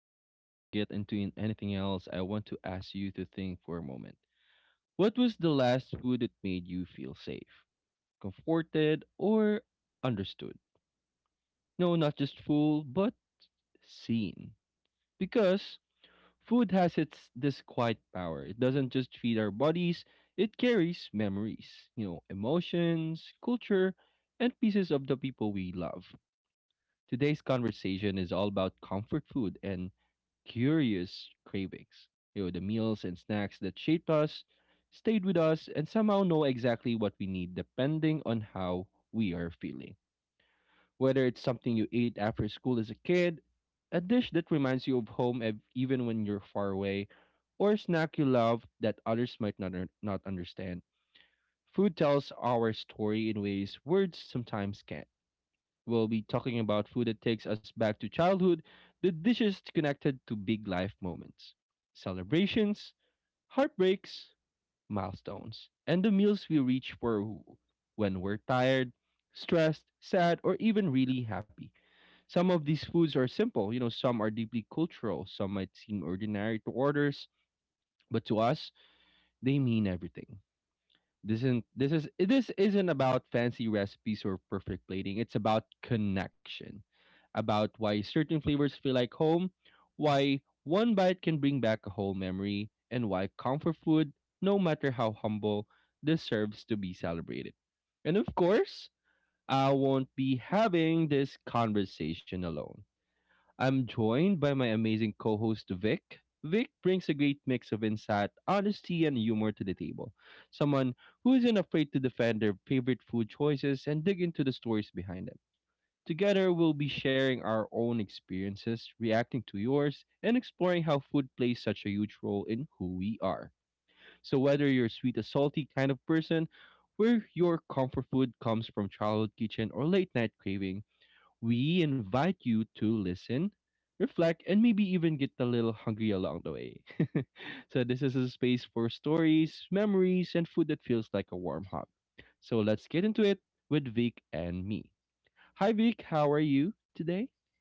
Before we get into anything else, I want to ask you to think for a moment. What was the last food that made you feel safe, comforted, or understood? No, not just full, but seen. Because food has its this quiet power. It doesn't just feed our bodies, it carries memories, you know, emotions, culture, and pieces of the people we love. Today's conversation is all about comfort food and curious cravings. You know, the meals and snacks that shaped us, stayed with us, and somehow know exactly what we need depending on how we are feeling. Whether it's something you ate after school as a kid, a dish that reminds you of home even when you're far away, or a snack you love that others might not, not understand. Food tells our story in ways words sometimes can't. We'll be talking about food that takes us back to childhood, the dishes connected to big life moments, celebrations, heartbreaks, milestones, and the meals we reach for when we're tired, stressed, sad, or even really happy. Some of these foods are simple, you know, some are deeply cultural, some might seem ordinary to orders, but to us, they mean everything. This isn't about fancy recipes or perfect plating. It's about connection, about why certain flavors feel like home, why one bite can bring back a whole memory, and why comfort food, no matter how humble, deserves to be celebrated. And of course, I won't be having this conversation alone. I'm joined by my amazing co host, Vic. Vic brings a great mix of insight, honesty, and humor to the table. Someone who isn't afraid to defend their favorite food choices and dig into the stories behind them. Together, we'll be sharing our own experiences, reacting to yours, and exploring how food plays such a huge role in who we are. So, whether you're sweet, a salty kind of person, where your comfort food comes from childhood kitchen or late night craving, we invite you to listen, reflect, and maybe even get a little hungry along the way. So, this is a space for stories, memories, and food that feels like a warm hug. So, let's get into it with Vic and me. Hi, Vic. How are you today?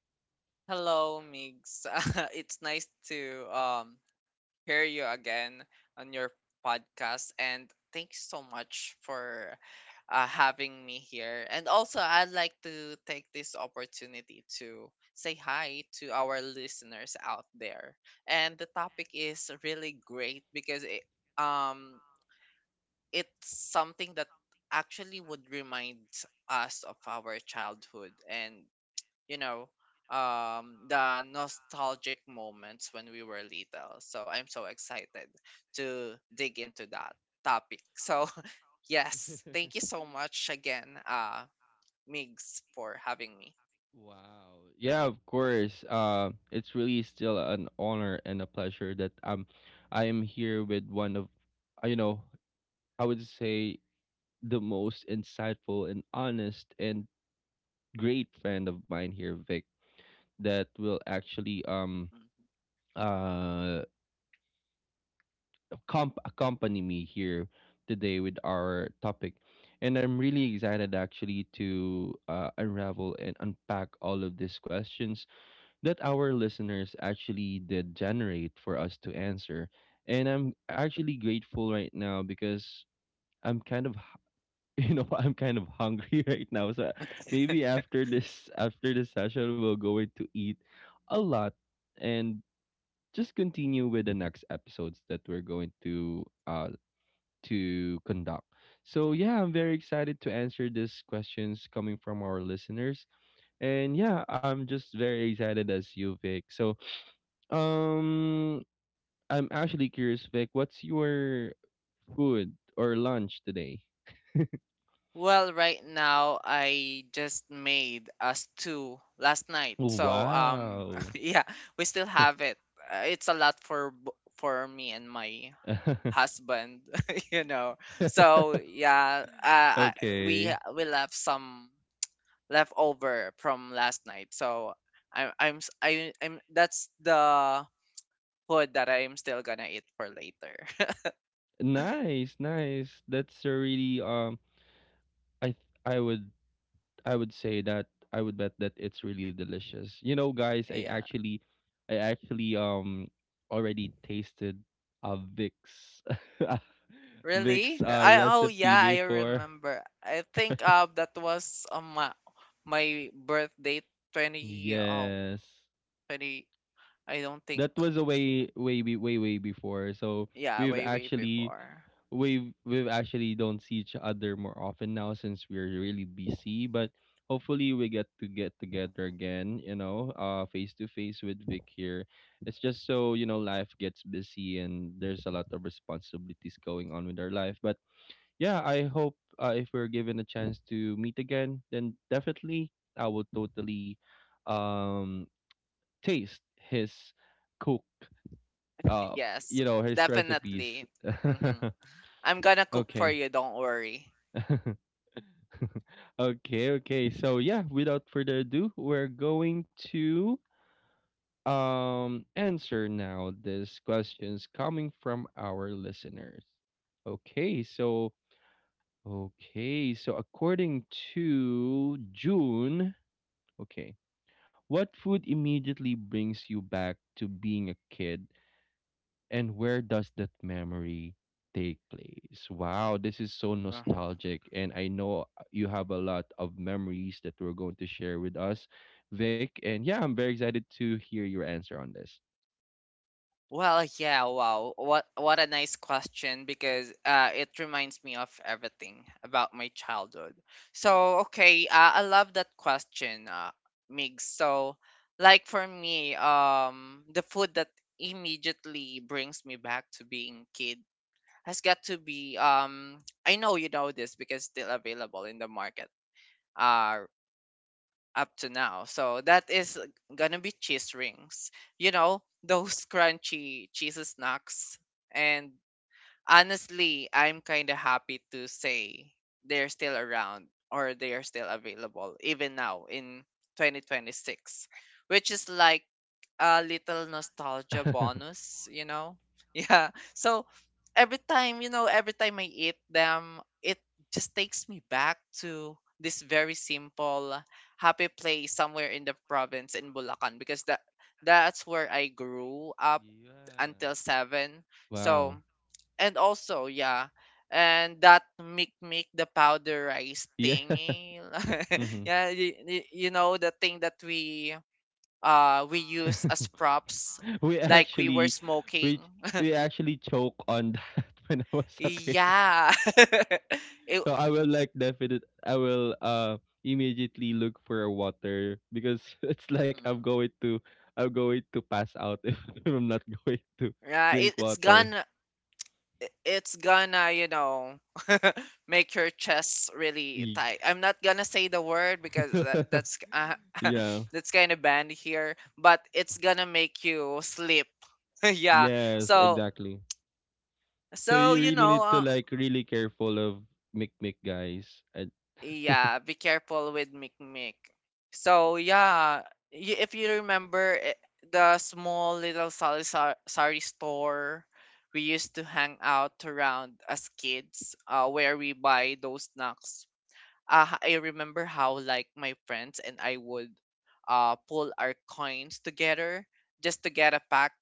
Hello, Migs. It's nice to hear you again on your podcast, and thanks so much for having me here. And also, I'd like to take this opportunity to say hi to our listeners out there. And the topic is really great because um, it's something that actually would remind us of our childhood and you know, the nostalgic moments when we were little. So I'm so excited to dig into that topic. So, yes, thank you so much again, Migs, for having me. Wow. Yeah, of course. It's really still an honor and a pleasure that I am here with one of, you know, I would say the most insightful and honest and great friend of mine here, Vic, that will actually Mhm. uh accompany me here today with our topic. And I'm really excited actually to unravel and unpack all of these questions that our listeners actually did generate for us to answer. And I'm actually grateful right now because I'm kind of you know, I'm kind of hungry right now. So maybe after this session we'll go in to eat a lot and just continue with the next episodes that we're going to conduct. So yeah, I'm very excited to answer these questions coming from our listeners. And yeah, I'm just very excited as you, Vic. So um I'm actually curious, Vic, what's your food or lunch today? Well, right now I just made us two last night. So Wow. yeah, we still have it. It's a lot for for me and my husband, you know so yeah, we Okay. we left some leftover from last night. So I'm s- I, I'm that's the food that I'm still gonna eat for later. Nice, nice. That's a really I th- I would I would say that I would bet that it's really delicious. You know, guys, I Yeah, actually I actually already tasted a Vic's really, Vic's I oh recipe yeah, I before. remember. I think that was on my birthday, 20 oh Yes. 20 I don't think. That was a way way before. So Yeah, we've way, way actually before. we actually don't see each other more often now since we're really busy, but hopefully we get to get together again, you know, face to face with Vic here. It's just, so you know, life gets busy and there's a lot of responsibilities going on with our life. But yeah, I hope if we're given a chance to meet again, then definitely I will totally um taste his cook, uh Yes, you know, his recipes. definitely. hmm I'm gonna cook for Okay. you, don't worry. Okay, okay. So yeah, without further ado, we're going to answer now these questions coming from our listeners. Okay, so okay, so according to June, okay, what food immediately brings you back to being a kid and where does that memory take place? Wow, this is so Uh, nostalgic. And I know you have a lot of memories that we're going to share with us, Vic. And yeah, I'm very excited to hear your answer on this. Well, yeah, wow. What a nice question, because it reminds me of everything about my childhood. So, okay, I love that question, Migs. So, like, for me, the food that immediately brings me back to being kid has got to be, I know you know this because it's still available in the market uh up to now. So that is gonna be cheese rings. You know, those crunchy cheese snacks. And honestly, I'm kinda happy to say they're still around, or they are still available even now in 2026, which is like a little Yeah. nostalgia bonus, you know? Yeah. So every time I eat them, it just takes me back to this very simple happy place somewhere in the province in Bulacan, because that's where I grew up until 7. So, Wow. and also, yeah, and that make the powder rice Yeah. thingy. Hmm. Yeah, you know the thing that we we use as props, we like we were actually smoking. we we actually choke on that when I was a kid. Yeah. it, So I will like definite I will immediately look for a water because it's like mhm. I'm going to pass out if I'm not going to Yeah, drink water. It's gonna make your chest really Eek. tight. I'm not gonna say the word because that, that's Yeah. that's kind of banned here, but it's gonna make you sleep. Yeah. Yes, So, exactly. So you you really need to know. like really careful of mic mic guys. And Yeah, be careful with Mikmik. So yeah, y if you remember, the small little sari store we used to hang out around as kids, where we buy those snacks. I remember how, like, my friends and I would pull our coins together just to get a pack.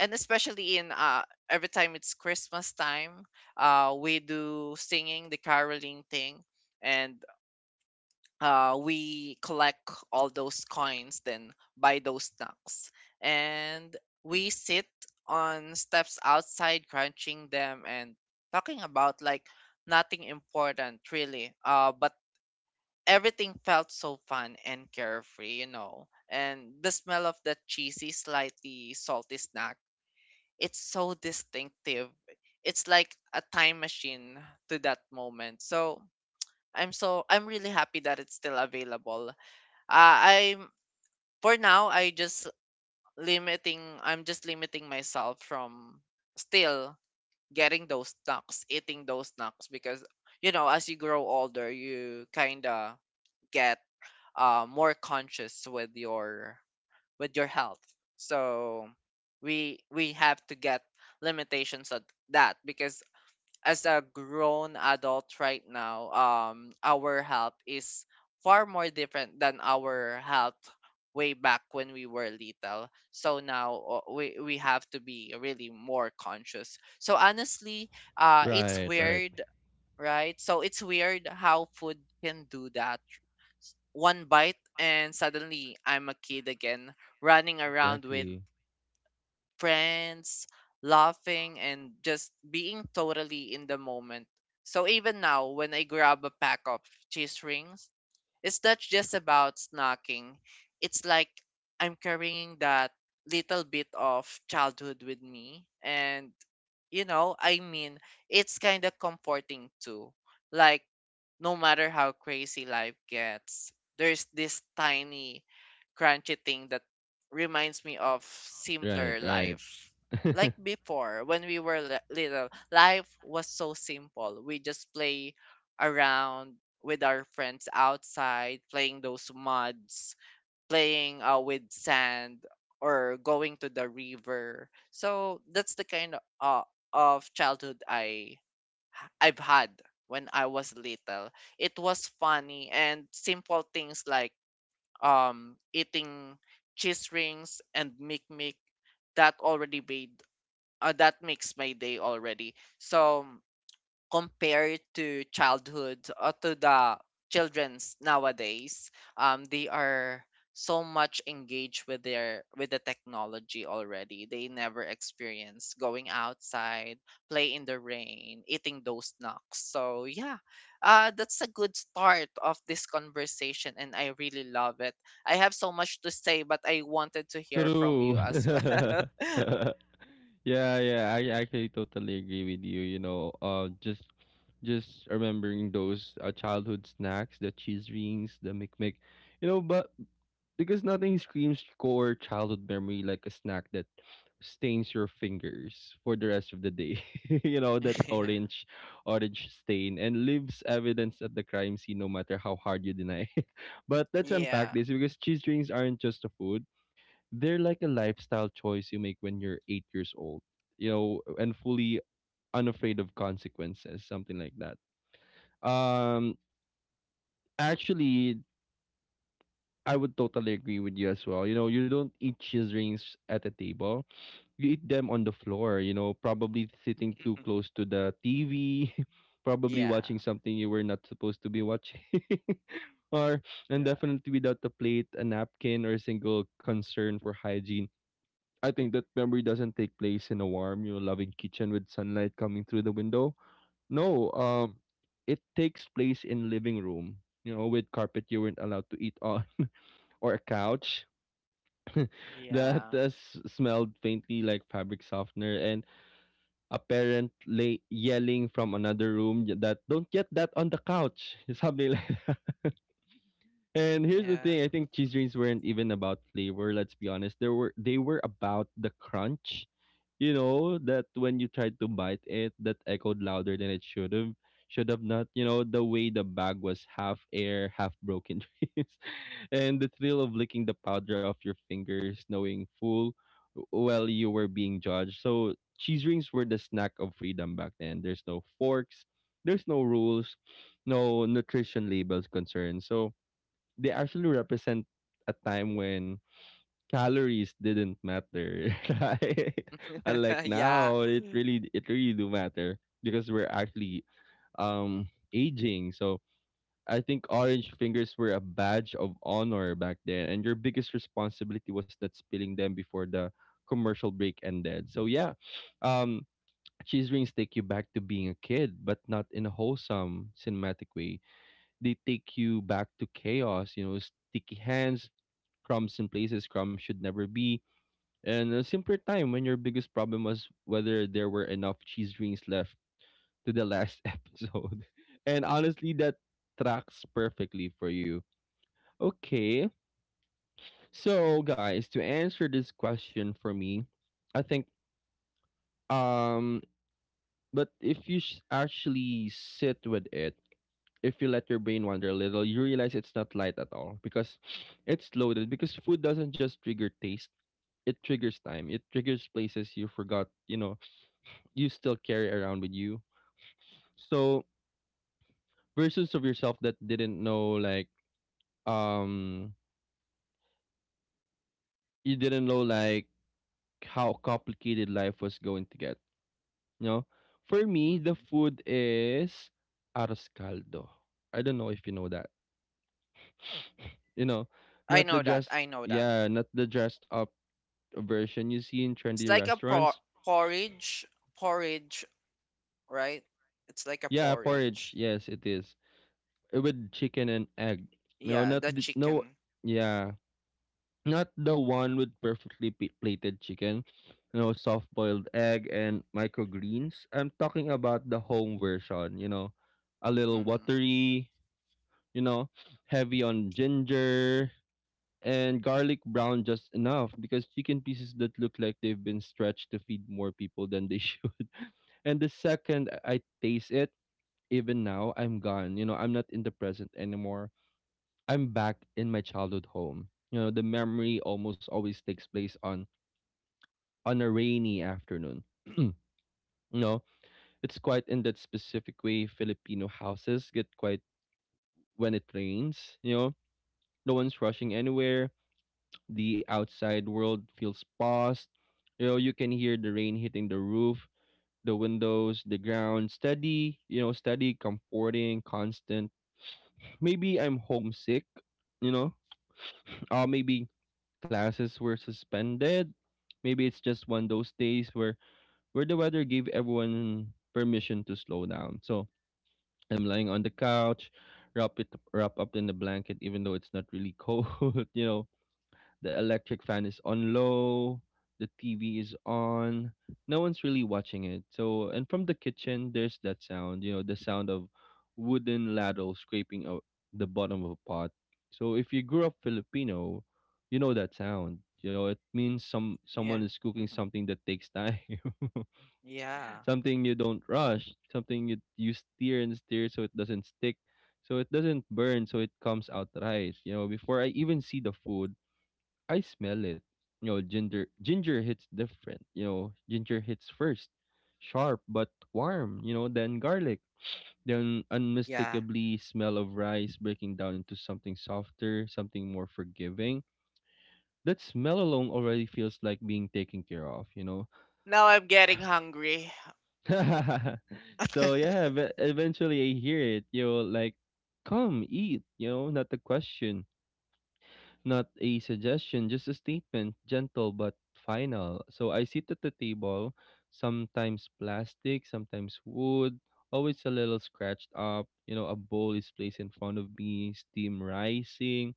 And especially, in every time it's Christmas time, we do singing the caroling thing, and we collect all those coins, then buy those snacks. And we sit on steps outside, crunching them and talking about, like, nothing important really. But everything felt so fun and carefree. And the smell of that cheesy, slightly salty snack, it's so distinctive. It's like a time machine to that moment. So I'm really happy that it's still available. I'm For now, I'm just limiting myself from still getting those snacks, eating those snacks, because as you grow older, you kind of get more conscious with your health. So we have to get limitations of that, because as a grown adult right now, our health is far more different than our health way back when we were little. So now we have to be really more conscious. So honestly, it's right, right. weird, right? So it's weird how food can do that. One bite, and suddenly I'm a kid again, running around with Exactly. friends, laughing, and just being totally in the moment. So even now, when I grab a pack of cheese rings, it's not just about snacking. It's like I'm carrying that little bit of childhood with me. And, you know, I mean, it's kind of comforting too. Like, no matter how crazy life gets, there's this tiny, crunchy thing that reminds me of Right, simpler right. life. Like before, when we were little, life was so simple. We just play around with our friends outside, playing those muds, playing with sand, or going to the river. So that's the kind of childhood I've had when I was little. It was funny and simple things, like eating cheese rings and mic mic that already made that makes my day already. So compared to childhood, or to the children's nowadays, they are so much engaged with the technology already. They never experience going outside, play in the rain, eating those knocks. So yeah, that's a good start of this conversation, and I really love it. I have so much to say, but I wanted to hear from True. you as well. Yeah, yeah, I actually totally agree with you. You know, just remembering those childhood snacks, the cheese rings, the McMick, you know, but because nothing screams core childhood memory like a snack that stains your fingers for the rest of the day. You know, that Yeah, orange stain and leaves evidence at the crime scene no matter how hard you deny it. But let's unpack yeah. this because cheese rings aren't just a food, they're like a lifestyle choice you make when you're 8 years old, you know, and fully unafraid of consequences, something like that. Um, actually, I would totally agree with you as well. You know, you don't eat cheese rings at a table, you eat them on the floor, you know, probably sitting too close to the TV. Probably Yeah, watching something you were not supposed to be watching, or and yeah, definitely without a plate, a napkin, or a single concern for hygiene. I think that memory doesn't take place in a warm, you know, loving kitchen with sunlight coming through the window. No, it takes place in living room, you know, with carpet you weren't allowed to eat on, or a couch that yeah. Smelled faintly like fabric softener, and a yelling from another room that don't get that on the couch, something like. And here's the Yeah. thing, I think cheese rings weren't even about flavor, let's be honest. There were they were about the crunch, you know, that when you tried to bite it, that echoed louder than it should have not, you know, the way the bag was half air, half broken dreams. And the thrill of licking the powder off your fingers, knowing well you were being judged. So cheese rings were the snack of freedom back then. There's no forks, there's no rules, no nutrition labels concerned. So they actually represent a time when calories didn't matter, right? Unlike Yeah. now, it really do matter because we're actually um aging. So I think orange fingers were a badge of honor back then, and your biggest responsibility was not spilling them before the commercial break ended. So yeah, um, cheese rings take you back to being a kid, but not in a wholesome cinematic way. They take you back to chaos, you know, sticky hands, crumbs in places crumbs should never be, and a simpler time when your biggest problem was whether there were enough cheese rings left to the last episode. And honestly, that tracks perfectly for you. Okay, so guys, to answer this question for me, I think um, but if you s actually sit with it, if you let your brain wander a little, you realize it's not light at all because it's loaded. Because food doesn't just trigger taste; it triggers time. It triggers places you forgot, you know, you still carry around with you. So versions of yourself that didn't know like um you didn't know like how complicated life was going to get. You know? For me, the Hmm. food is arroz caldo. I don't know if you know that. You know, I not the know that. dress I know that. yeah, not the dressed up version you see in It's trendy like a restaurants. porridge, porridge, right? It's like a Yeah, porridge. porridge. Yes, it is. With chicken and egg. No, Yeah, not the the, no, chicken. yeah, not the one with perfectly plated chicken. You know, soft boiled egg and microgreens. I'm talking about the home version. You know, a little Mm-hmm. watery. You know, heavy on ginger and garlic brown just enough because chicken pieces that look like they've been stretched to feed more people than they should. And the second I taste it, even now, I'm gone. You know, I'm not in the present anymore. I'm back in my childhood home. You know, the memory almost always takes place on a rainy afternoon. you know, It's quite in that specific way Filipino houses get quite when it rains, No one's rushing anywhere. The outside world feels paused. You know, you can hear the rain hitting the roof, the windows, the ground. Steady, you know, steady, comforting, constant. Maybe I'm homesick, you know. Or maybe classes were suspended. Maybe it's just one of those days where the weather gave everyone permission to slow down. So I'm lying on the couch, wrap it wrap up in the blanket, even though it's not really cold. You know, the electric fan is on low, the TV is on. No one's really watching it. And from the kitchen, there's that sound, you know, the sound of wooden ladle scraping the bottom of a pot. So, if you grew up Filipino, you know that sound. You know, it means Yeah. someone is cooking Mm-hmm. something that takes time. Yeah. Something you don't rush, something you steer and steer so it doesn't stick, so it doesn't burn, so it comes out rice. You know, before I even see the food, I smell it. You know, ginger hits different. You know, ginger hits first, sharp but warm. You know, then garlic, then Yeah. unmistakably smell of rice breaking down into something softer, something more forgiving. That smell alone already feels like being taken care of. Now I'm getting hungry. So yeah. But eventually, I hear it. You know, like, come eat. You know, not the question. Not a suggestion, just a statement, gentle but final. So I sit at the table, sometimes plastic, sometimes wood, always a little scratched up. You know, a bowl is placed in front of me, steam rising,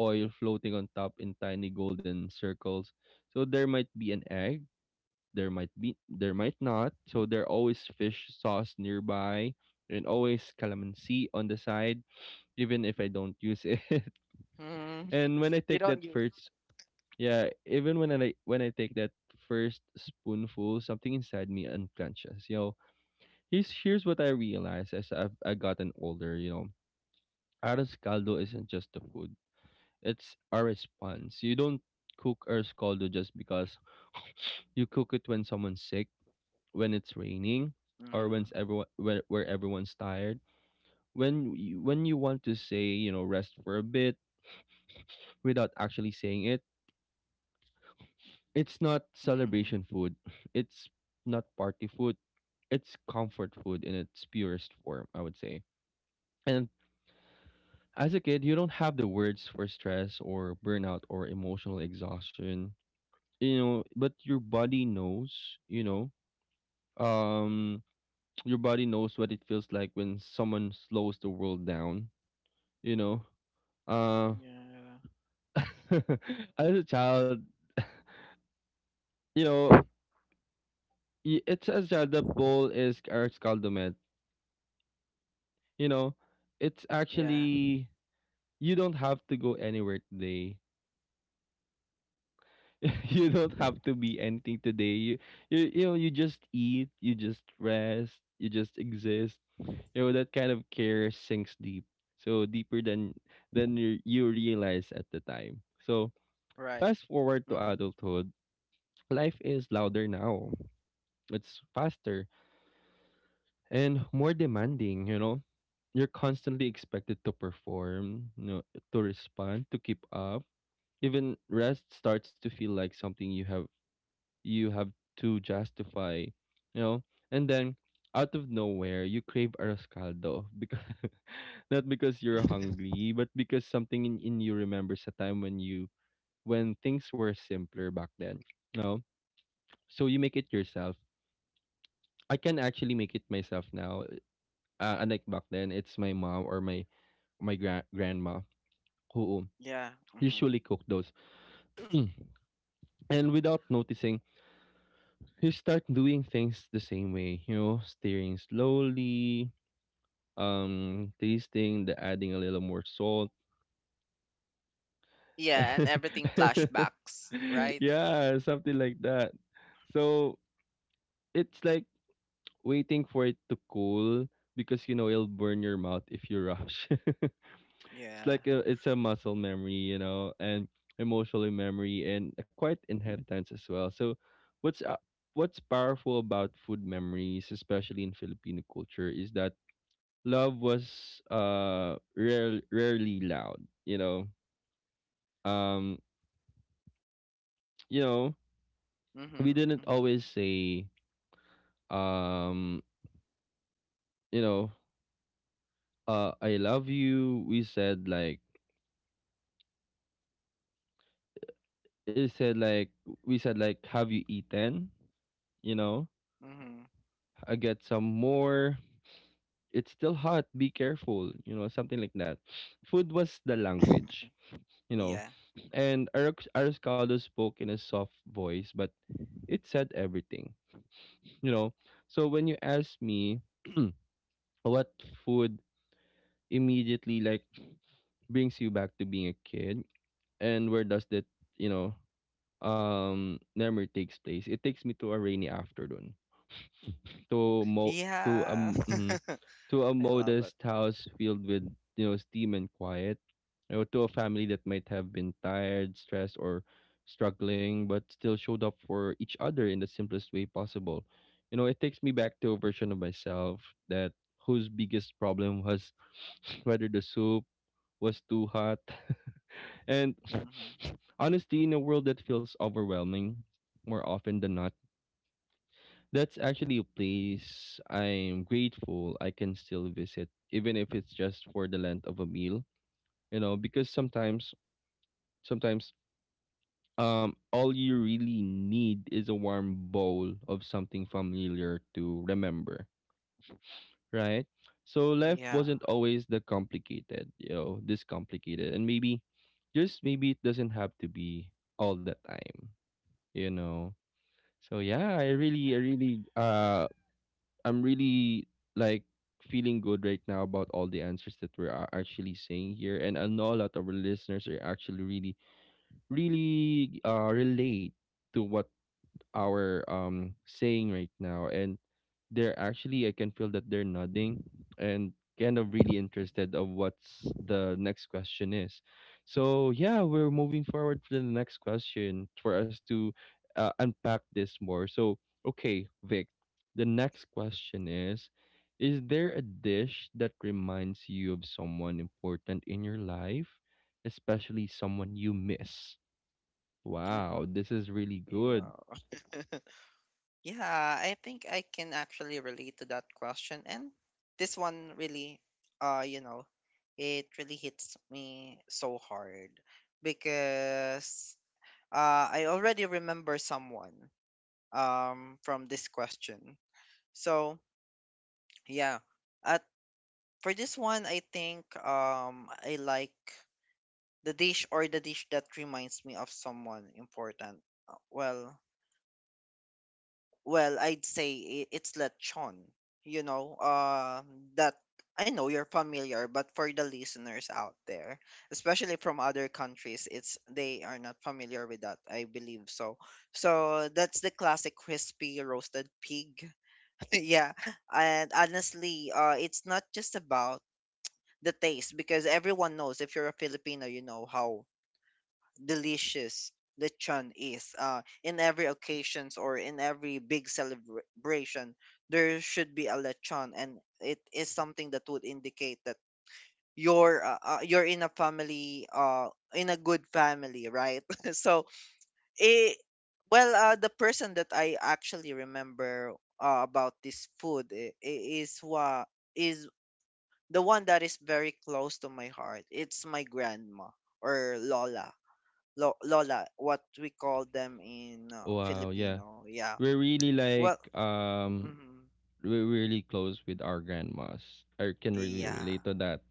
oil floating on top in tiny golden circles. So there might be an egg, there might be there might not. So there always fish sauce nearby and always calamansi on the side, even if I don't use it. Mm, And when I you take that don't use first, it. yeah, even when I take that first spoonful, something inside me unclenches. You know, here's what I realized as I've I gotten older. You know, arroz caldo isn't just the food; it's our response. You don't cook arroz caldo just because you cook it when someone's sick, when it's raining, or when Mm, everyone where everyone's tired. When you want to say, you know, rest for a bit without actually saying it. It's not mm-hmm. celebration food. It's not party food. It's comfort food in its purest form, I would say. And as a kid, you don't have the words for stress or burnout or emotional exhaustion, you know, but your body knows, you know. Um your body knows what it feels like when someone slows the world down, you know. Uh Yeah. as a child, you know, it's as child that bowl is our scaldament. You know, it's Yeah. actually you don't have to go anywhere today. You don't have to be anything today. You know, you just eat, you just rest, you just exist. You know that kind of care sinks deep, so deeper than you, you realize at the time. So Right. fast forward to Mm-hmm. adulthood, life is louder now. It's faster and more Mm-hmm. demanding. You know, you're constantly expected to perform, you know, to respond, to keep up. Even rest starts to feel like something you have to justify, you know. And then out of nowhere, you crave arroz caldo because, not because you're hungry, but because something in you remembers a time when things were simpler back then, you know. So you make it yourself. I can actually make it myself now. Unlike back then, it's my mom or grandma who Yeah. Mm-hmm. usually cook those. And without noticing, you start doing things the same way, you know, steering slowly, tasting the, adding a little more salt. Yeah, and everything flashbacks, right? Yeah, something like that. So it's like waiting for it to cool because you know it'll burn your mouth if you rush. It's Yeah. like it's a muscle memory, you know, and emotional memory and a quiet inheritance as well. So what's uh, what's powerful about food memories, especially in Filipino culture, is that love was rarely loud, you know. um you know we Mm-hmm. didn't Mm-hmm. always say, um you know I love you. We said like, it said like we said like, have you eaten, you know, Mm-hmm. I get some more, it's still hot, be careful, you know, something like that. Food was the language, you know. Yeah. And Arascaldo spoke in a soft voice, but it said everything, you know. So when you ask me what food immediately like brings you back to being a kid and where does that, you know, memory takes place, it takes me to a rainy afternoon, to mo to Yeah. To a I love it. modest house filled with, you know, steam and quiet, you know, to a family that might have been tired, stressed, or struggling but still showed up for each other in the simplest way possible. You know, it takes me back to a version of myself that, whose biggest problem was whether the soup was too hot. And Hmm. honestly, in a world that feels overwhelming more often than not, that's actually a place I'm grateful I can still visit, even if it's just for the length of a meal, you know, because sometimes, all you really need is a warm bowl of something familiar to remember, right? So life Yeah. wasn't always the complicated, you know, this complicated, and maybe, just maybe, it doesn't have to be all the time. You know. So yeah, I'm really like feeling good right now about all the answers that we're actually saying here, and I know a lot of our listeners are actually really relate to what our saying right now, and they're actually, I can feel that they're nodding and kind of really interested of what's the next question is. So yeah, we're moving forward to the next question for us to unpack this more. So okay, Vic, the next question is there a dish that reminds you of someone important in your life, especially someone you miss? Mm-hmm. Wow, this is really You good. are. Yeah, I think I can actually relate to that question. And this one really, uh, you know, it really hits me so hard because I already remember someone from this question. So, yeah, at, for this one, I think, I like the dish, or the dish that reminds me of someone important. Well, I'd say it's lechon. You know, that I know you're familiar, but for the listeners out there, especially from other countries, it's they are not familiar with that. I believe so. So that's the classic crispy roasted pig. Yeah, and honestly, it's not just about the taste because everyone knows if you're a Filipino, you know how delicious lechon is. In every occasions, or in every big celebration, there should be a lechon, and it is something that would indicate that you're in a family in a good family, right? So it, well, the person that I actually remember, about this food, is what is the one that is very close to my heart. It's my grandma, or lola. Lola, what we call them in, Wow, yeah. Filipino. Yeah. We're really Well, like mhm. we're really close with our grandmas. I can really relate Yeah. to that.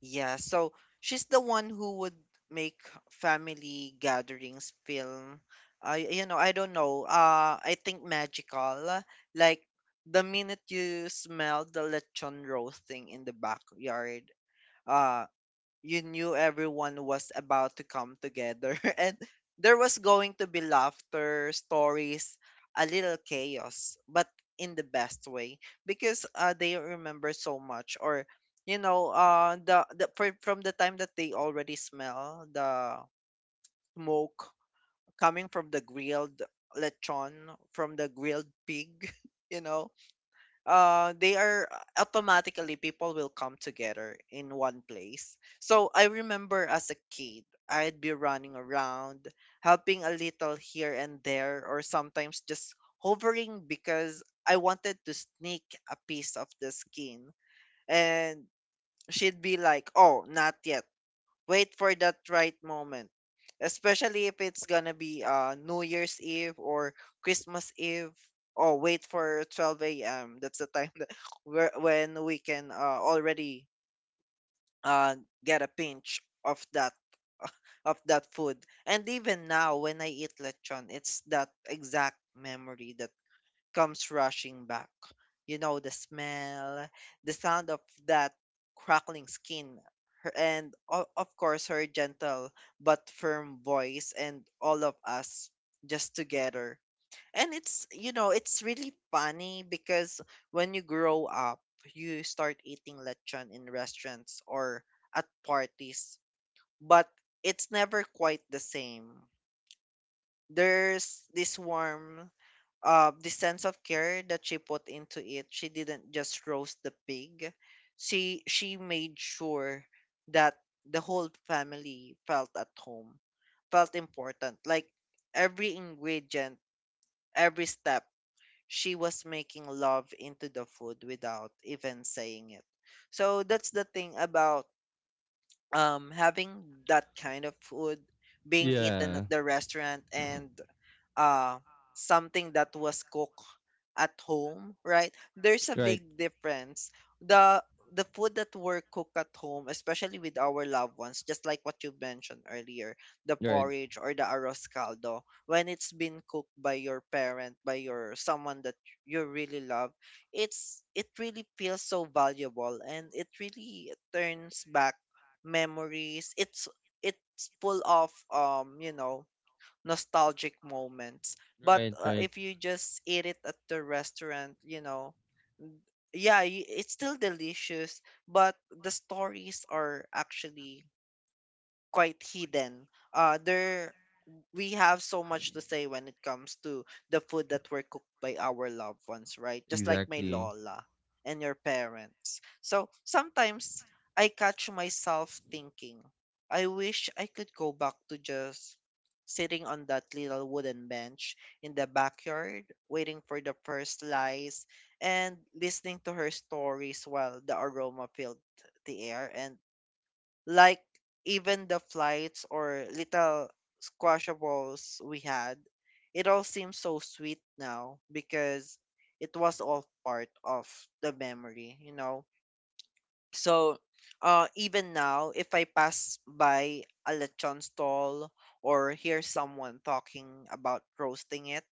Yeah. So she's the one who would make family gatherings feel, you know, I don't know, I think, magical. Like, the minute you smell the lechon roasting in the backyard, uh, you knew everyone was about to come together, and there was going to be laughter, stories, a little chaos, but in the best way, because they remember so much. Or from the time that they already smell the smoke coming from the grilled lechon, from the grilled pig. you know they are automatically, people will come together in one place. So I remember, as a kid, I'd be running around, helping a little here and there, or sometimes just hovering because I wanted to sneak a piece of the skin. And she'd be like, oh, not yet, wait for that right moment, especially if it's gonna be New Year's Eve, or Christmas Eve. Oh, wait for 12 a.m. That's the time that, when we can, already uh get a pinch of that food. And even now when I eat lechon, it's that exact memory that comes rushing back. You know, the smell, the sound of that crackling skin, her, and of course, her gentle but firm voice, and all of us just together. And it's really funny, because when you grow up, you start eating lechon in restaurants or at parties, but it's never quite the same. There's this warmth, the sense of care that she put into it. She didn't just roast the pig, she made sure that the whole family felt at home, felt important. Like every ingredient, every step, she was making love into the food without even saying it. So that's the thing about having that kind of food being eaten at Yeah. the restaurant, and uh, something that was cooked at home, right? There's a Right. big difference. The the food that were cooked at home, especially with our loved ones, just like what you mentioned earlier, the Right. porridge or the arroz caldo, when it's been cooked by your parent, by your someone that you really love, it really feels so valuable and it really turns back memories. It's full of nostalgic moments. But Right. Right. if you just eat it at the restaurant, you know, yeah, it's still delicious, but the stories are actually quite hidden. They're We have so much to say when it comes to the food that were cooked by our loved ones, right? Just like my Exactly. Lola and your parents. So sometimes I catch myself thinking, I wish I could go back to just sitting on that little wooden bench in the backyard, waiting for the first slice and listening to her stories while the aroma filled the air, and like even the flights or little squashables we had, it all seems so sweet now because it was all part of the memory, you know. So, even now, if I pass by a lechon stall or hear someone talking about roasting it,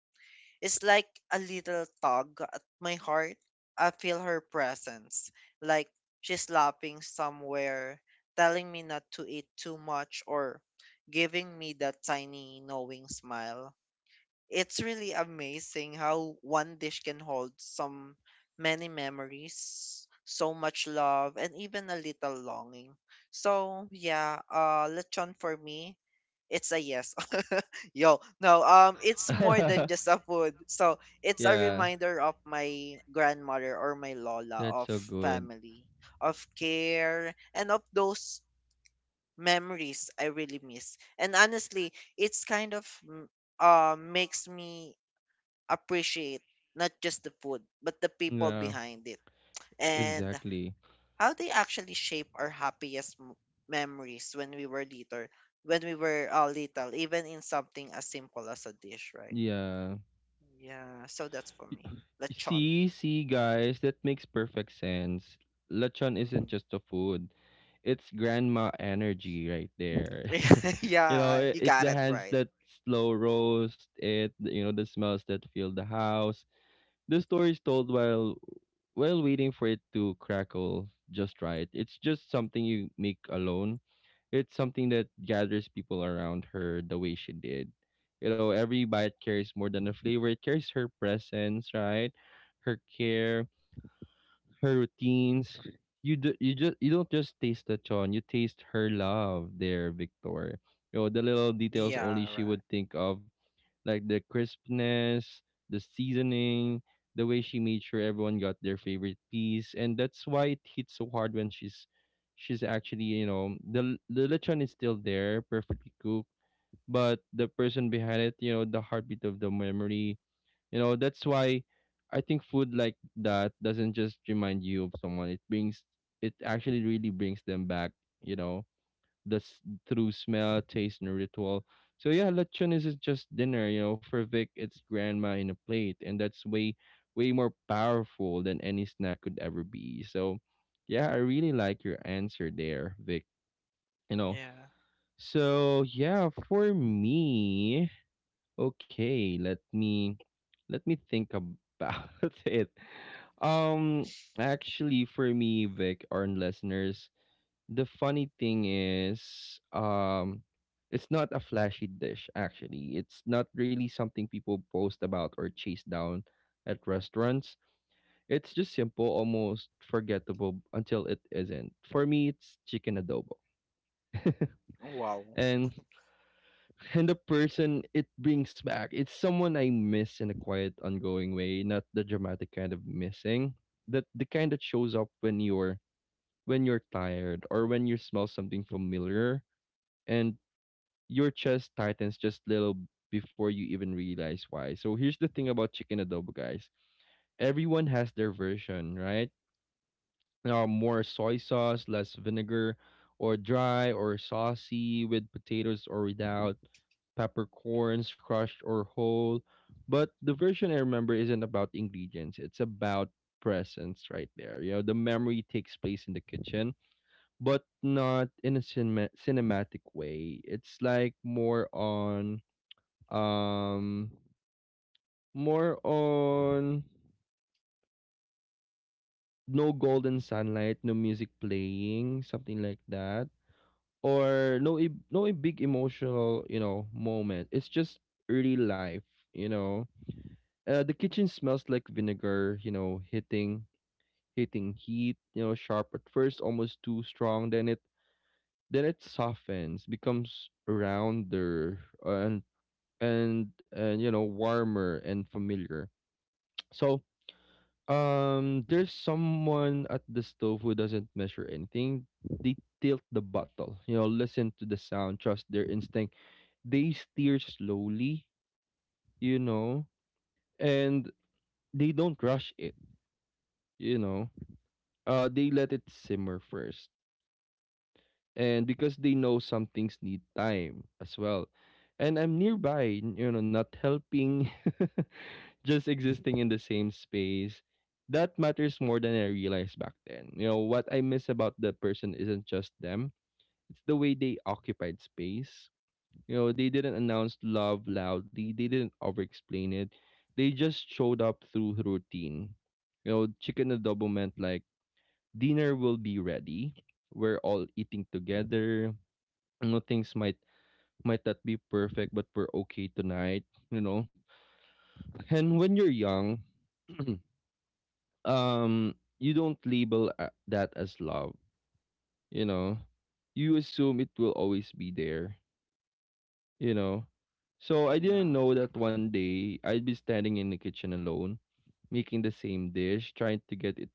it's like a little tug at my heart. I feel her presence, like she's laughing somewhere, telling me not to eat too much, or giving me that tiny knowing smile. It's really amazing how one dish can hold some many memories, so much love, and even a little longing. So yeah, lechon for me, it's a yes. Yo, no, it's more than just a food. So it's a Yeah. reminder of my grandmother or my lola, That's of so good. family, of care, and of those memories I really miss. And honestly, it's kind of makes me appreciate not just the food, but the people Yeah. behind it, and Exactly. how they actually shape our happiest memories when we were little, when we were little, even in something as simple as a dish, right? Yeah. Yeah, so that's for me. Lechon. See, see, guys, that makes perfect sense. Lechon Hmm. isn't just a food. It's grandma energy right there. You know, Yeah, you it's got the it hands right. that slow roast it, you know, the smells that fill the house. The story is told while waiting for it to crackle just right. It's just something you make alone. It's something that gathers people around her the way she did. You know, every bite carries more than a flavor. It carries her presence, right? Her care, her routines. You just, you don't just taste the chon. You taste her love there, Victor. You know the little details Yeah, only she right. would think of, like the crispness, the seasoning, the way she made sure everyone got their favorite piece, and that's why it hits so hard when she's actually, you know, the lechon is still there, perfectly cooked, but the person behind it, you know, the heartbeat of the memory, you know, that's why I think food like that doesn't just remind you of someone; it brings, it actually really brings them back, you know, the s- through smell, taste, and ritual. So yeah, lechon isn't just dinner, you know. For Vic, it's grandma in a plate, and that's way, way more powerful than any snack could ever be. So yeah, I really like your answer there, Vic. You know. Yeah. So yeah, for me, okay, let me think about it. Um, Actually, for me, Vic, our listeners. The funny thing is, it's not a flashy dish, actually. It's not really something people post about or chase down at restaurants. It's just simple, almost forgettable until it isn't. For me, it's chicken adobo. Wow. And and the person it brings back, it's someone I miss in a quiet, ongoing way, not the dramatic kind of missing. That the kind that shows up when you're tired or when you smell something familiar and your chest tightens just little before you even realize why. So here's the thing about chicken adobo, guys. Everyone has their version, right? More soy sauce, less vinegar, or dry or saucy, with potatoes or without, peppercorns crushed or whole. But the version I remember isn't about ingredients. It's about presence right there. You know, the memory takes place in the kitchen, but not in a cinematic way. It's like more on um, more on no golden sunlight, no music playing, something like that, or no e- no e- big emotional moment. It's just early life, you know. The kitchen smells like vinegar, you know, hitting heat, you know, sharp at first, almost too strong. Then it softens, becomes rounder and and warmer and familiar. So there's someone at the stove who doesn't measure anything. They tilt the bottle, you know, listen to the sound, trust their instinct. They steer slowly, you know, and they don't rush it, you know. They let it simmer first. And because they know some things need time as well. And I'm nearby, you know, not helping. Just existing in the same space. That matters more than I realized back then. You know, what I miss about the person isn't just them, it's the way they occupied space. You know, they didn't announce love loudly, they didn't over explain it, they just showed up through routine. You know, chicken adobo meant like dinner will be ready, we're all eating together. You know, things might not be perfect, but we're okay tonight, you know. And when you're young, um you don't label that as love, you know. You assume it will always be there, you know. So I didn't Yeah. know that Mm-hmm. one day I'd be standing in the kitchen alone making the same dish, trying to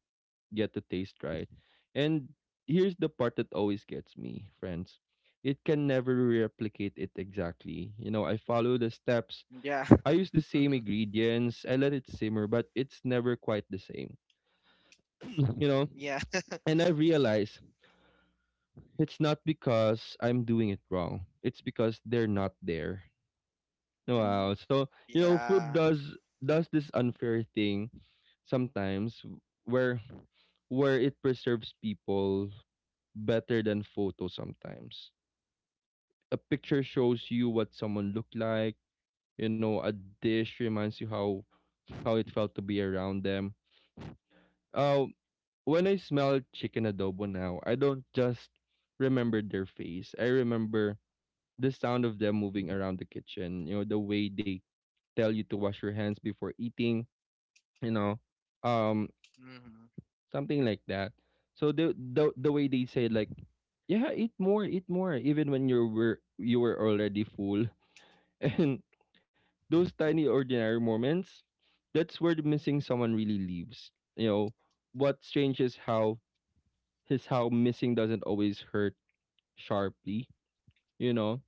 get the taste right. And here's the part that always gets me, friends, it can never replicate it exactly. You know, I follow the steps, Yeah. I use the same Mm-hmm. ingredients, I let it simmer, but it's never quite the same. You know, Yeah. and I realized it's not because I'm doing it wrong. It's because they're not there. Mm-hmm. Wow. So, you know, food Yeah. does this unfair thing sometimes, where where it preserves people better than photos sometimes. A picture shows you what someone looked like, you know, a dish reminds you how it felt to be around them. Uh, when I smell chicken adobo now, I don't just remember their face. I remember the sound of them moving around the kitchen, you know, the way they tell you to wash your hands before eating, you know, um, Mm-hmm. something like that. So the way they say like, yeah, eat more, even when you were already full, and those tiny ordinary moments, that's where the missing someone really lives. You know, what strange is how missing doesn't always hurt sharply. You know,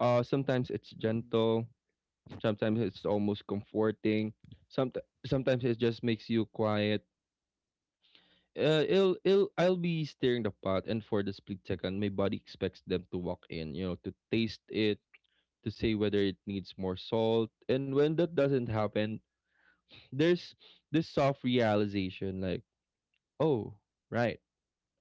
sometimes it's Mm-hmm. gentle, sometimes it's almost comforting. Sometimes it just makes you quiet. I'll be stirring the pot, and for the split second, my body expects them to walk in, you know, to taste it, to say whether it needs more salt. And when that doesn't happen, there's this soft realization like, oh, right.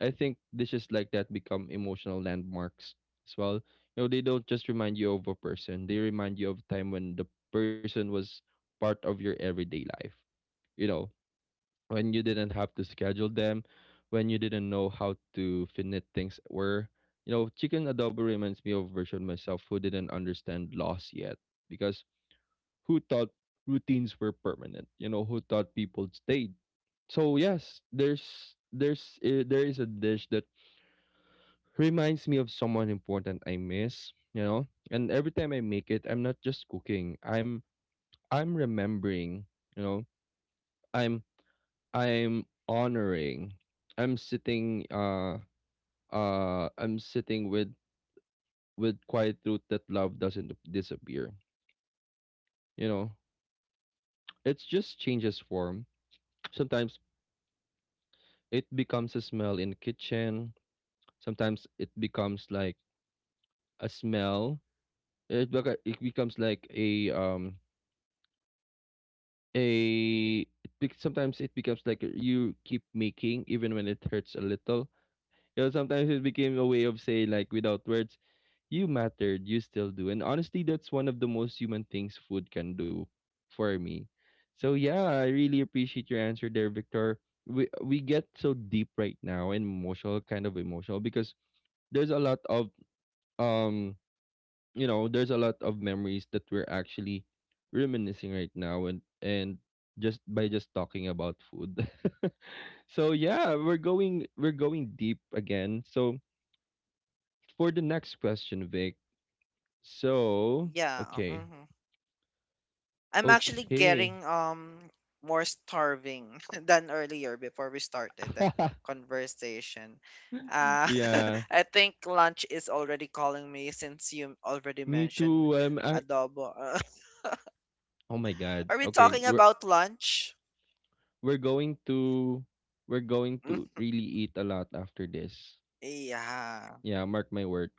I think dishes like that become emotional landmarks as well. You know, they don't just remind you of a person, they remind you of a time when the person was part of your everyday life. You know, when you didn't have to schedule them, when you didn't know how to finite things were. You know, chicken adobo reminds me of a version of myself who didn't understand loss yet, because who thought routines were permanent? You know, who thought people stayed? So yes, there is a dish that reminds me of someone important I miss, you know? And every time I make it, I'm not just cooking. I'm remembering, you know. I'm I'm honoring. I'm sitting uh I'm sitting with quiet truth that love doesn't disappear. You know, it just changes form. Sometimes it becomes a smell in the kitchen. Sometimes it becomes like a smell. It becomes like a sometimes it becomes you keep making even when it hurts a little. You know, sometimes it became a way of saying like without words, you mattered, you still do. And honestly, that's one of the most human things food can do for me. So yeah, I really appreciate your answer there, Victor. We get so deep right now and emotional, kind of emotional, because there's a lot of um you know, there's a lot of memories that we're actually reminiscing right now, and just by just talking about food. So yeah, we're going deep again. So for the next question, Vic. So Yeah. Okay. Mm-hmm. I'm actually Okay. getting more starving than earlier before we started the conversation. Uh, Yeah, I think lunch is already calling me since you already me mentioned too. Adobo. Oh my God. Are we Okay, talking about lunch? we're going to we're going to really eat a lot after this. Yeah, Yeah, mark my word.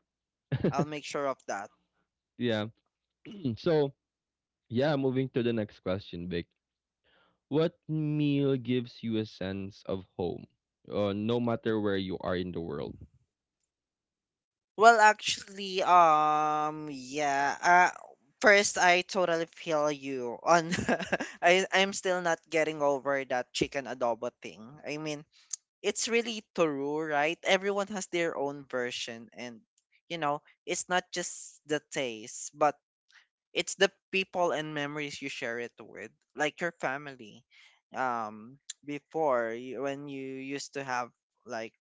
I'll make sure of that. Yeah. Hmm, so yeah, moving to the next question, Vic. What meal gives you a sense of home, no matter where you are in the world? Well, actually, yeah. Uh, first, I totally feel you on. I'm still not getting over that chicken adobo thing. I mean, it's really true, right? Everyone has their own version, and you know, it's not just the taste, but it's the people and memories you share it with, like your family. Um, before you, when you used to have like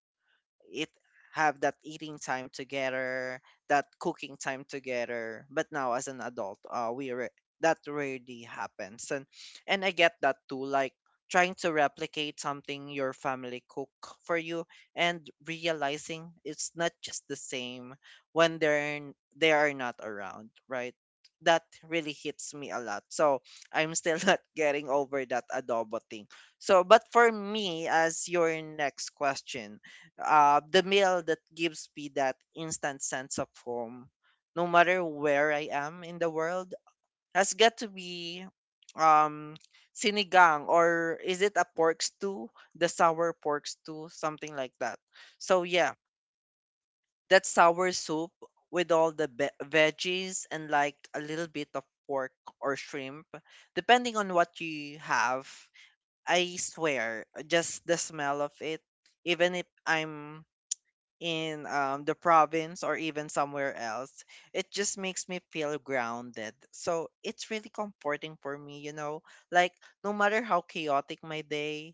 it have that eating time together, that cooking time together. But now as an adult, that rarely happens, and I get that too. Like trying to replicate something your family cook for you and realizing it's not just the same when they are not around, right? That really hits me a lot. So I'm still not getting over that adobo thing. So, but for me, as your next question, the meal that gives me that instant sense of home, no matter where I am in the world, has got to be um sinigang, or is it a pork stew, the sour pork stew, something like that. So yeah, that sour soup with all the veggies and like a little bit of pork or shrimp, depending on what you have. I swear, just the smell of it, even if I'm in the province or even somewhere else, it just makes me feel grounded. So it's really comforting for me, you know, like no matter how chaotic my day,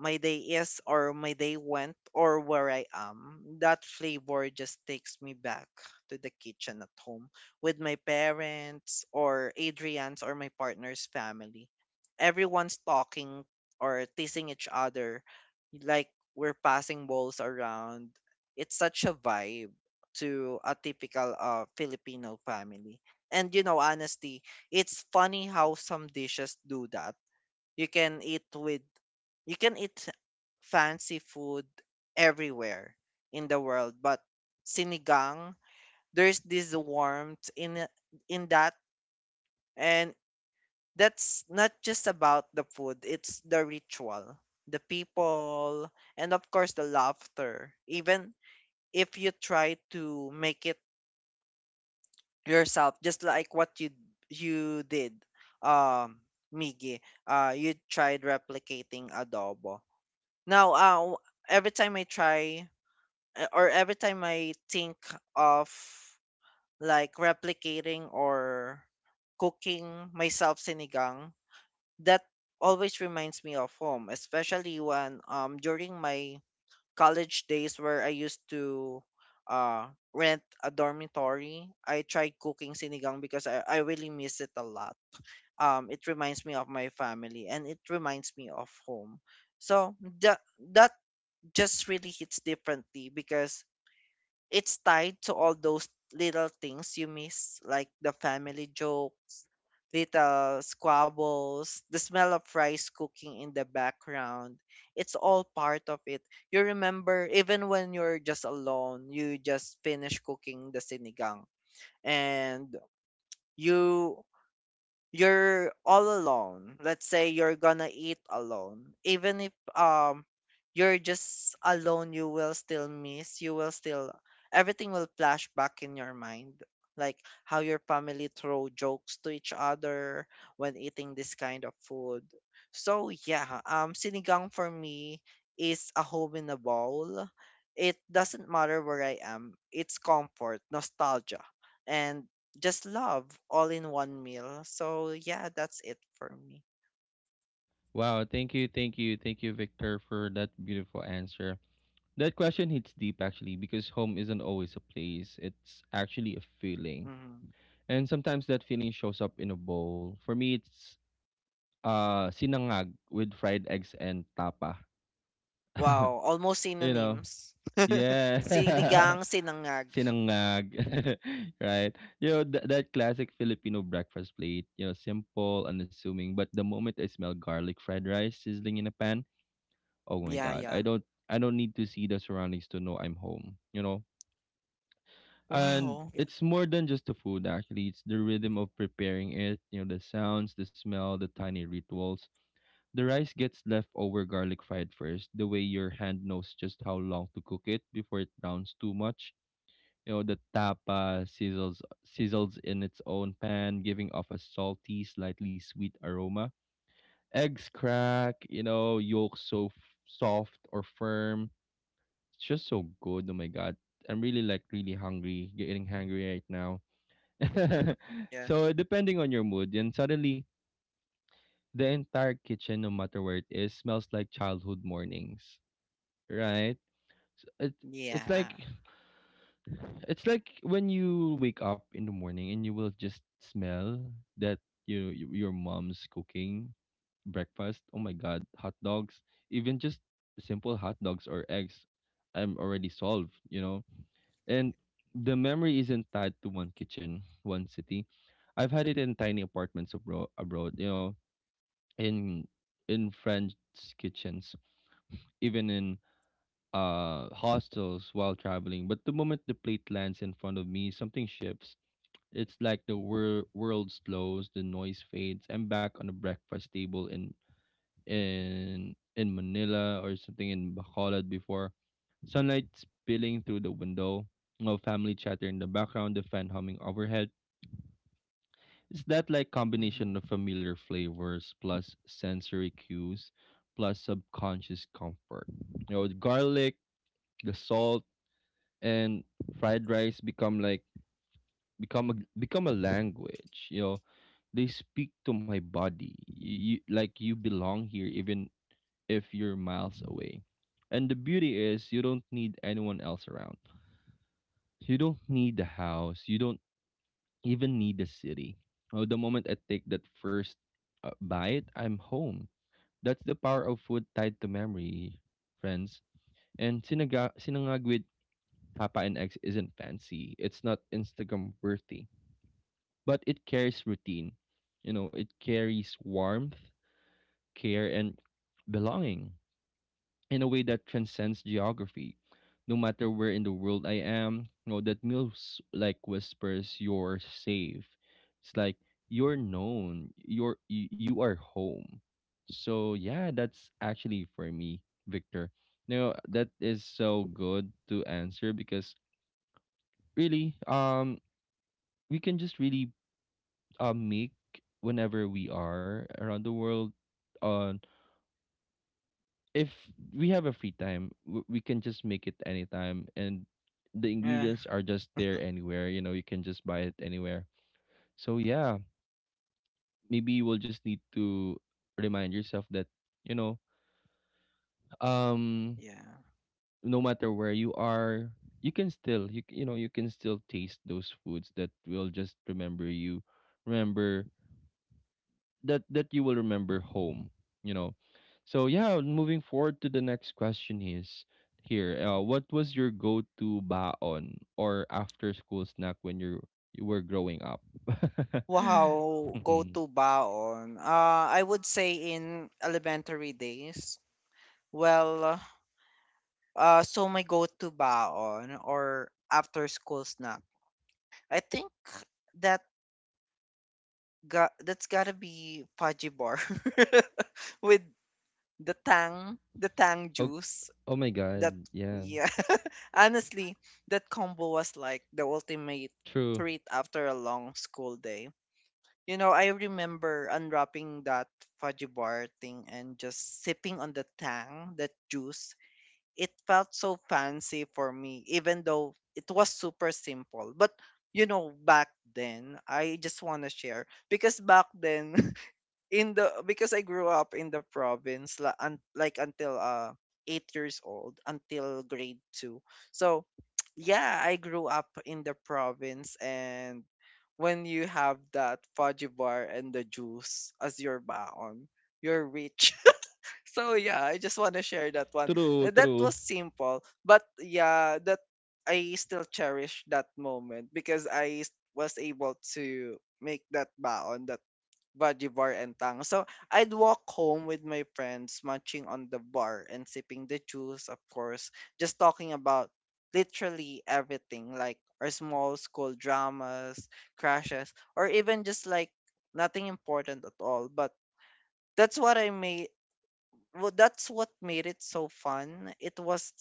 my day is, or my day went, or where I am. That flavor just takes me back to the kitchen at home with my parents, or Adrian's, or my partner's family. Everyone's talking or teasing each other, like we're passing balls around. It's such a vibe to a typical Filipino family. And you know, honestly, it's funny how some dishes do that. You can eat with you can eat fancy food everywhere in the world, but sinigang, there's this warmth in that, and that's not just about the food. It's the ritual, the people, and of course the laughter. Even if you try to make it yourself, just like what you did, um, Miggy, you tried replicating adobo. Now, every time I try every time I think of like replicating or cooking myself sinigang, that always reminds me of home, especially when during my college days where I used to uh rent a dormitory. I tried cooking sinigang because I really miss it a lot. Um, it reminds me of my family and it reminds me of home. So that that just really hits differently because it's tied to all those little things you miss, like the family jokes, little squabbles, the smell of rice cooking in the background. It's all part of it. You remember, even when you're just alone, you just finish cooking the sinigang. And you you're all alone. Let's say you're gonna eat alone. Even if you're just alone, you will still, everything will flash back in your mind. Like how your family throw jokes to each other when eating this kind of food. So yeah, sinigang for me is a home in a bowl. It doesn't matter where I am. It's comfort, nostalgia, and just love all in one meal. So yeah, that's it for me. Wow, thank you, thank you, thank you, Victor, for that beautiful answer. That question hits deep actually, because home isn't always a place, it's actually a feeling. Mhm. And sometimes that feeling shows up in a bowl. For me, it's sinangag with fried eggs and tapa. Wow, almost You know? synonyms. Yeah. Sinigang, sinangag. Sinangag. Right? You know, that classic Filipino breakfast plate, you know, simple, unassuming, but the moment I smell garlic fried rice sizzling in a pan, oh my Yeah, god. yeah. I don't need to see the surroundings to know I'm home, you know? And Wow. it's more than just the food, actually. It's the rhythm of preparing it, you know, the sounds, the smell, the tiny rituals. The rice gets left over garlic fried first, the way your hand knows just how long to cook it before it browns too much. You know, the tapa sizzles in its own pan, giving off a salty, slightly sweet aroma. Eggs crack, you know, yolk so soft or firm. It's just so good. Oh my god. I'm really like really hungry, getting hungry right now. Yeah. So depending on your mood, and suddenly the entire kitchen, no matter where it is, smells like childhood mornings. Right? It it's Yeah. like it's like when you wake up in the morning and you will just smell that, you know, your mom's cooking breakfast. Oh my god, hot dogs, even just simple hot dogs or eggs, I'm already solved. You know, and the memory isn't tied to one kitchen, one city. I've had it in tiny apartments abroad, abroad, you know, in in French kitchens, even in hostels while traveling. But the moment the plate lands in front of me, something shifts. It's like the world slows, the noise fades. I'm back on a breakfast table in Manila or something in Bacolod before. Sunlight spilling through the window, no family chatter in the background, the fan humming overhead. It's that like Mhm. combination of familiar flavors, plus sensory cues, plus subconscious comfort. You know, the garlic, the salt, and fried rice become become a become a language. You know, they speak to my body. You belong here, even if you're miles away. And the beauty is, you don't need anyone else around. You don't need the house. You don't even need the city. Oh, the moment I take that first bite, I'm home. That's the power of food tied to memory, friends. And sinaga sinangag with tapa and eggs isn't fancy. It's not Instagram worthy, but it carries routine. You know, it carries warmth, care, and belonging, in a way that transcends geography. No matter where in the world I am, know that meals like whispers you're safe. It's like you're known, you are home. So yeah, that's actually for me, Victor. Now that is so good to answer because really, we can just really make whenever we are around the world. Uh, if we have a free time, we can just make it anytime, and the Yeah. ingredients are just there anywhere. You know, you can just buy it anywhere. So yeah, maybe you will just need to remind yourself that, you know, um, Yeah. no matter where you are, you know you can still taste those foods that will just remember you, remember that you will remember home, you know. So yeah, moving forward to the next question is here, what was your go-to baon or after school snack when you were growing up? Wow, Mhm. go-to baon. I would say in elementary days. Well, so my go-to baon or after school snack. I think that Got, that's gotta be fudgy bar with the tang Oh, juice. oh my god. That, Yeah, yeah, honestly, that combo was like the ultimate true, treat after a long school day. You know, I remember unwrapping that fudgy bar thing and just sipping on the tang, that juice. It felt so fancy for me, even though it was super simple. But you know, back then, I just want to share because back then in the, because I grew up in the province la, un, like until 8 years old until grade two. So yeah, I grew up in the province, and when you have that fudge bar and the juice as your baon, you're rich. So yeah, I just want to share that one. true, That true. was simple, but yeah, that I still cherish that moment because was able to make that baon, that Baji bar and tang. So I'd walk home with my friends, munching on the bar and sipping the juice, of course, just talking about literally everything, like our small school dramas, crashes, or even just like nothing important at all. But that's what I made that's what made it so fun. It was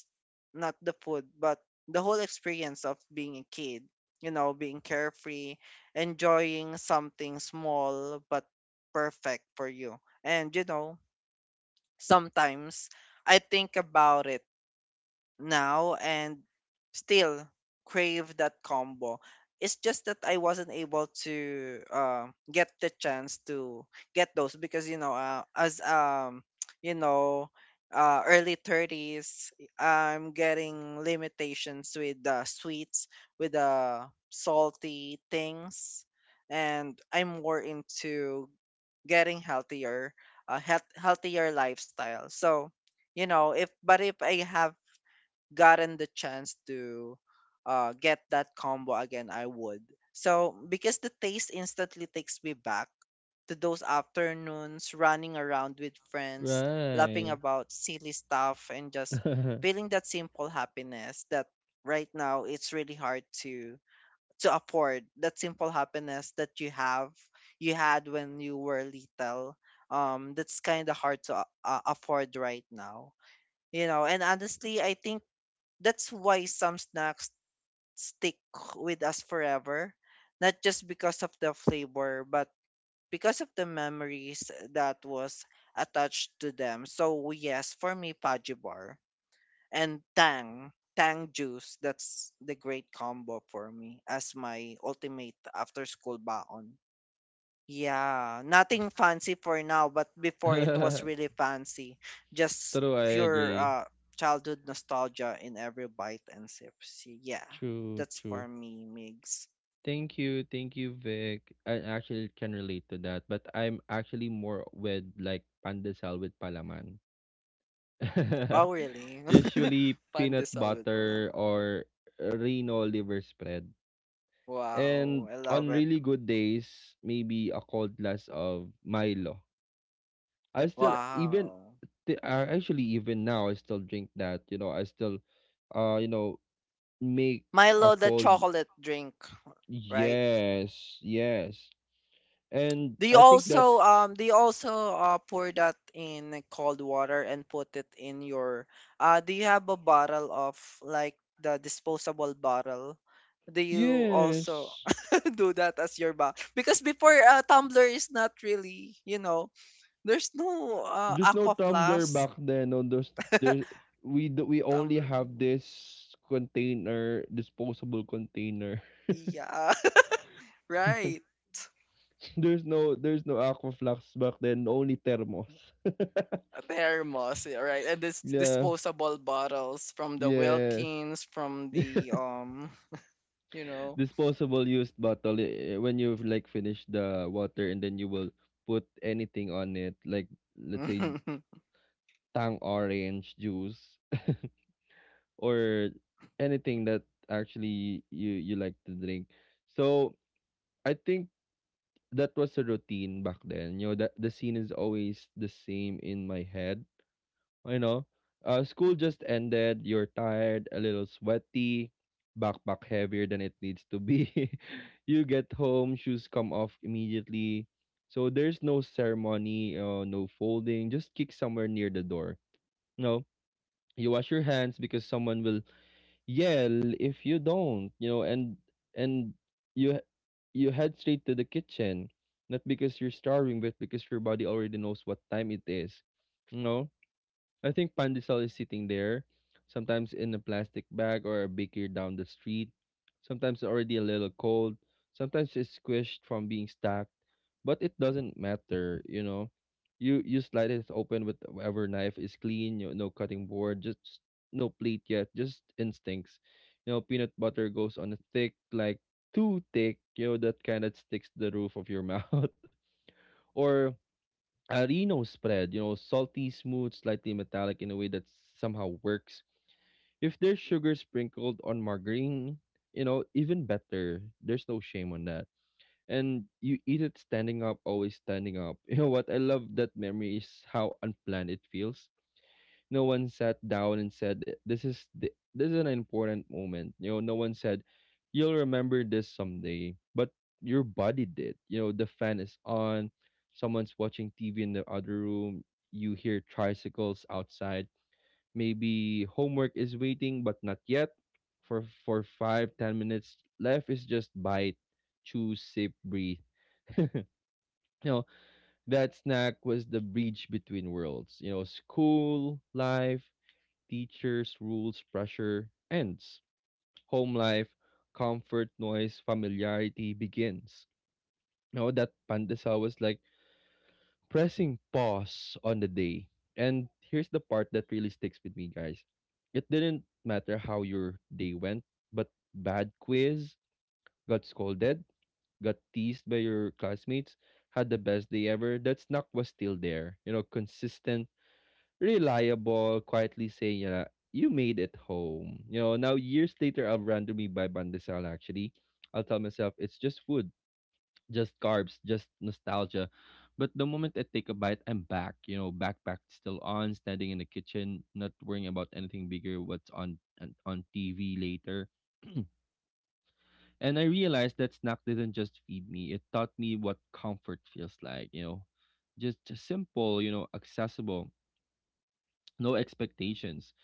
not the food, but the whole experience of being a kid, you know, being carefree, enjoying something small but perfect for you. And, you know, sometimes I think about it now and still crave that combo. It's just that I wasn't able to get the chance to get those because you know as you know early 30s, I'm getting limitations with the sweets, with the salty things, and I'm more into getting healthier, healthier lifestyle. So, you know, if I have gotten the chance to get that combo again, I would. So because the taste instantly takes me back to those afternoons running around with friends, laughing Right. about silly stuff, and just feeling that simple happiness that right now it's really hard to afford that simple happiness that you had when you were little. Um, that's kind of hard to afford right now, you know. And honestly, I think that's why some snacks stick with us forever, not just because of the flavor, but because of the memories that was attached to them. So yes, for me, Paji Bar and Tang Juice, that's the great combo for me as my ultimate after school baon. Yeah, nothing fancy for now, but before it was really fancy. Just True. I pure agree. Childhood nostalgia in every bite and sip. So, yeah, True, that's true. for me, Migs. Thank you, Vic. I actually can relate to that, but I'm actually more with like pandesal with palaman. Oh, really? Usually peanut Pandesal with butter palaman. or Reno liver spread. Wow, And I love on it. really good days, maybe a cold glass of Milo. I still even Wow. Actually even now I still drink that. You know, I still uh you know make a Milo, the cold. chocolate drink, right? Yes, yes. And They I think also that's... pour that in cold water and put it in your do you have a bottle of like the disposable bottle? Do you also Yes. do that as your bottle? Because before tumbler is not really, you know, there's no There's no aqua Tumblr flask back then on those. There, we only tumbler. have this container, disposable container. Yeah, right. There's no Aquaflux back then, only thermos. A thermos, yeah, right? And this Yeah. disposable bottles from the Yes. Wilkins, from the you know, Disposable used bottle, when you've like finished the water and then you will put anything on it, like let's say Tang orange juice or anything that actually you like to drink. So I think that was a routine back then. You know, that the scene is always the same in my head. You know, school just ended. You're tired, a little sweaty, backpack heavier than it needs to be. You get home, shoes come off immediately. So there's no ceremony, no folding. Just kick somewhere near the door. You know, you wash your hands because someone will, yeah, if you don't, you know. And and you h- you head straight to the kitchen, not because you're starving, but because your body already knows what time it is, you know. I think pandesal is sitting there, sometimes in a plastic bag or a baker down the street, sometimes already a little cold, sometimes it's squished from being stacked, but it doesn't matter, you know. You slide it open with whatever knife is clean, you no cutting board, just no plate yet, just instincts. You know, peanut butter goes on a thick, like too thick, you know, that kind that sticks to the roof of your mouth. Or a Reno spread, you know, salty, smooth, slightly metallic in a way that somehow works. If there's sugar sprinkled on margarine, you know, even better. There's no shame on that. And you eat it standing up, always standing up. You know what? I love that memory is how unplanned it feels. No one sat down and said, "This is the, this is an important moment." You know, no one said, "You'll remember this someday," but your body did. You know, the fan is on, someone's watching TV in the other room. You hear tricycles outside. Maybe homework is waiting, but not yet. For 5, 10 minutes left is just bite, chew, sip, breathe. You know, that snack was the bridge between worlds. You know, school life, teachers, rules, pressure ends. Home life, comfort, noise, familiarity begins. Now that pandesal was like pressing pause on the day. And here's the part that really sticks with me, guys. It didn't matter how your day went, but bad quiz, got scolded, got teased by your classmates, had the best day ever, that snack was still there. You know, consistent, reliable, quietly saying, yeah, you made it home. You know, now years later, I'll randomly buy bandesal. Actually, I'll tell myself it's just food, just carbs, just nostalgia. But the moment I take a bite, I'm back, you know, backpack still on, standing in the kitchen, not worrying about anything bigger, what's on TV later. And I realized that snack didn't just feed me, it taught me what comfort feels like, you know. Just simple, you know, accessible, no expectations,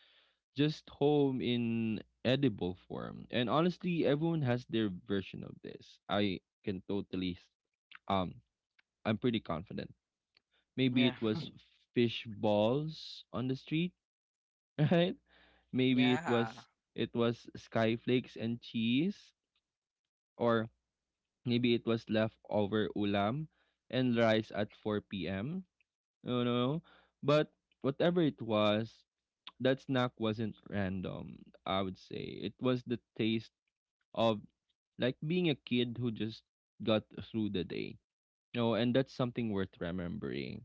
just home in edible form. And honestly, everyone has their version of this. I can totally um I'm pretty confident. Maybe yeah. it was fish balls on the street, right? Maybe it was Yeah. it was sky flakes and cheese, or maybe it was leftover ulam and rice at 4 p.m. No, no. But whatever it was, that snack wasn't random, I would say. It was the taste of like being a kid who just got through the day. You know, and that's something worth remembering,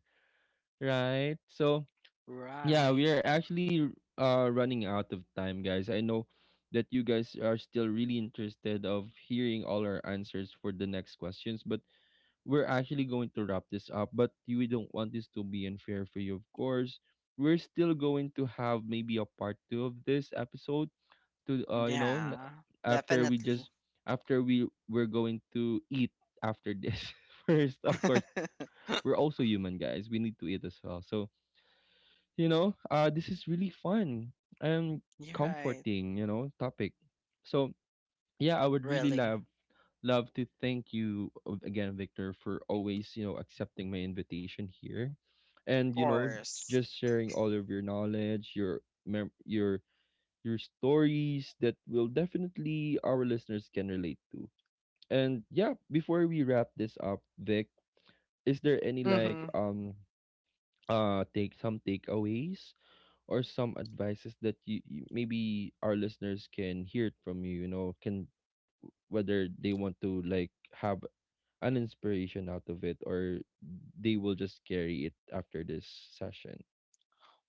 right? So, yeah, Right. we are actually running out of time, guys. I know that you guys are still really interested of hearing all our answers for the next questions, but we're actually going to wrap this up. But we don't want this to be unfair for you, of course. We're still going to have maybe a part two of this episode to, Yeah. after we Definitely. just... after we're going to eat after this. First, of course, we're also human, guys, we need to eat as well. So, you know, this is really fun and You're right. comforting, you know, topic. So yeah, I would really Really. love to thank you, again, Victor, for always, you know, accepting my invitation here, Of and you know, course. just sharing all of your knowledge, your mem- your your stories that will definitely our listeners can relate to. And yeah, before we wrap this up, Vic, is there any like take some takeaways or some advices that you maybe our listeners can hear from you, you know, can whether they want to like have an inspiration out of it, or they will just carry it after this session.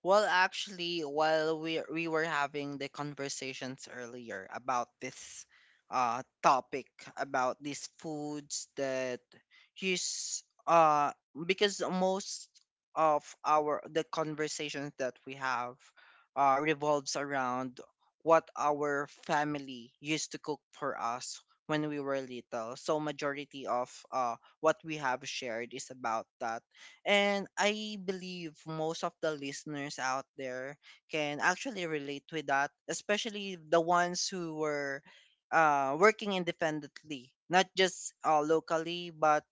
Well, actually, while we were having the conversations earlier about this topic about these foods that use because most of our the conversations that we have revolves around what our family used to cook for us when we were little. So majority of what we have shared is about that, and I believe most of the listeners out there can actually relate with that, especially the ones who were working independently, not just locally, but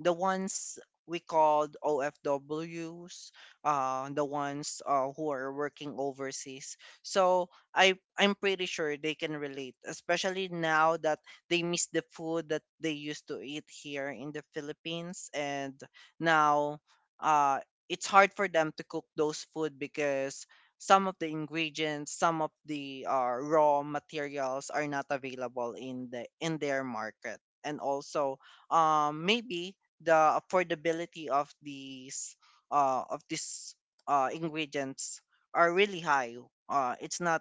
the ones we called OFWs, the ones who are working overseas. So I'm pretty sure they can relate, especially now that they miss the food that they used to eat here in the Philippines, and now uh, it's hard for them to cook those food because some of the ingredients, some of the raw materials are not available in the in their market, and also maybe the affordability of these ingredients are really high. It's not,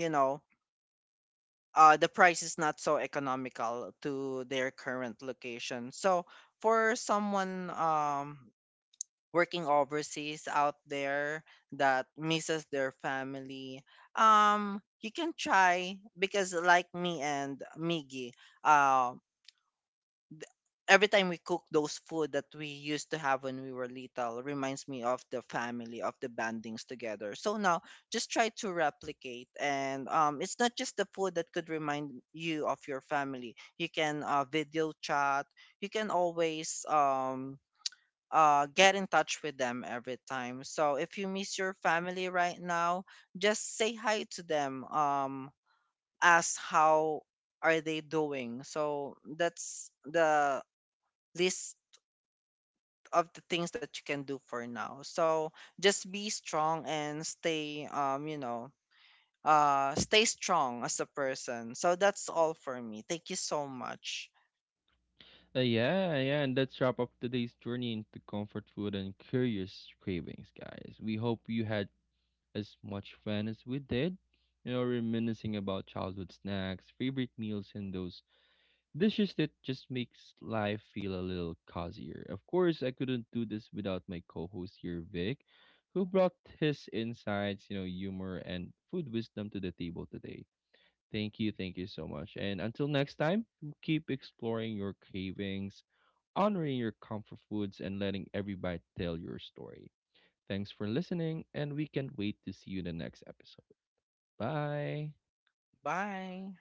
you know, the price is not so economical to their current location. So for someone working overseas out there that misses their family, you can try because like me and Miggy, um every time we cook those food that we used to have when we were little reminds me of the family, of the bandings together. So now just try to replicate, and it's not just the food that could remind you of your family. You can video chat. You can always get in touch with them every time. So if you miss your family right now, just say hi to them. Ask how are they doing. So that's the least of the things that you can do for now. So just be strong and stay stay strong as a person. So that's all for me. Thank you so much. Yeah, yeah, and let's wrap up today's journey into comfort food and curious cravings, guys. We hope you had as much fun as we did, you know, reminiscing about childhood snacks, favorite meals, and those dishes that just makes life feel a little cozier. Of course, I couldn't do this without my co-host here, Vic, who brought his insights, you know, humor and food wisdom to the table today. Thank you. Thank you so much. And until next time, keep exploring your cravings, honoring your comfort foods, and letting everybody tell your story. Thanks for listening, and we can't wait to see you in the next episode. Bye. Bye.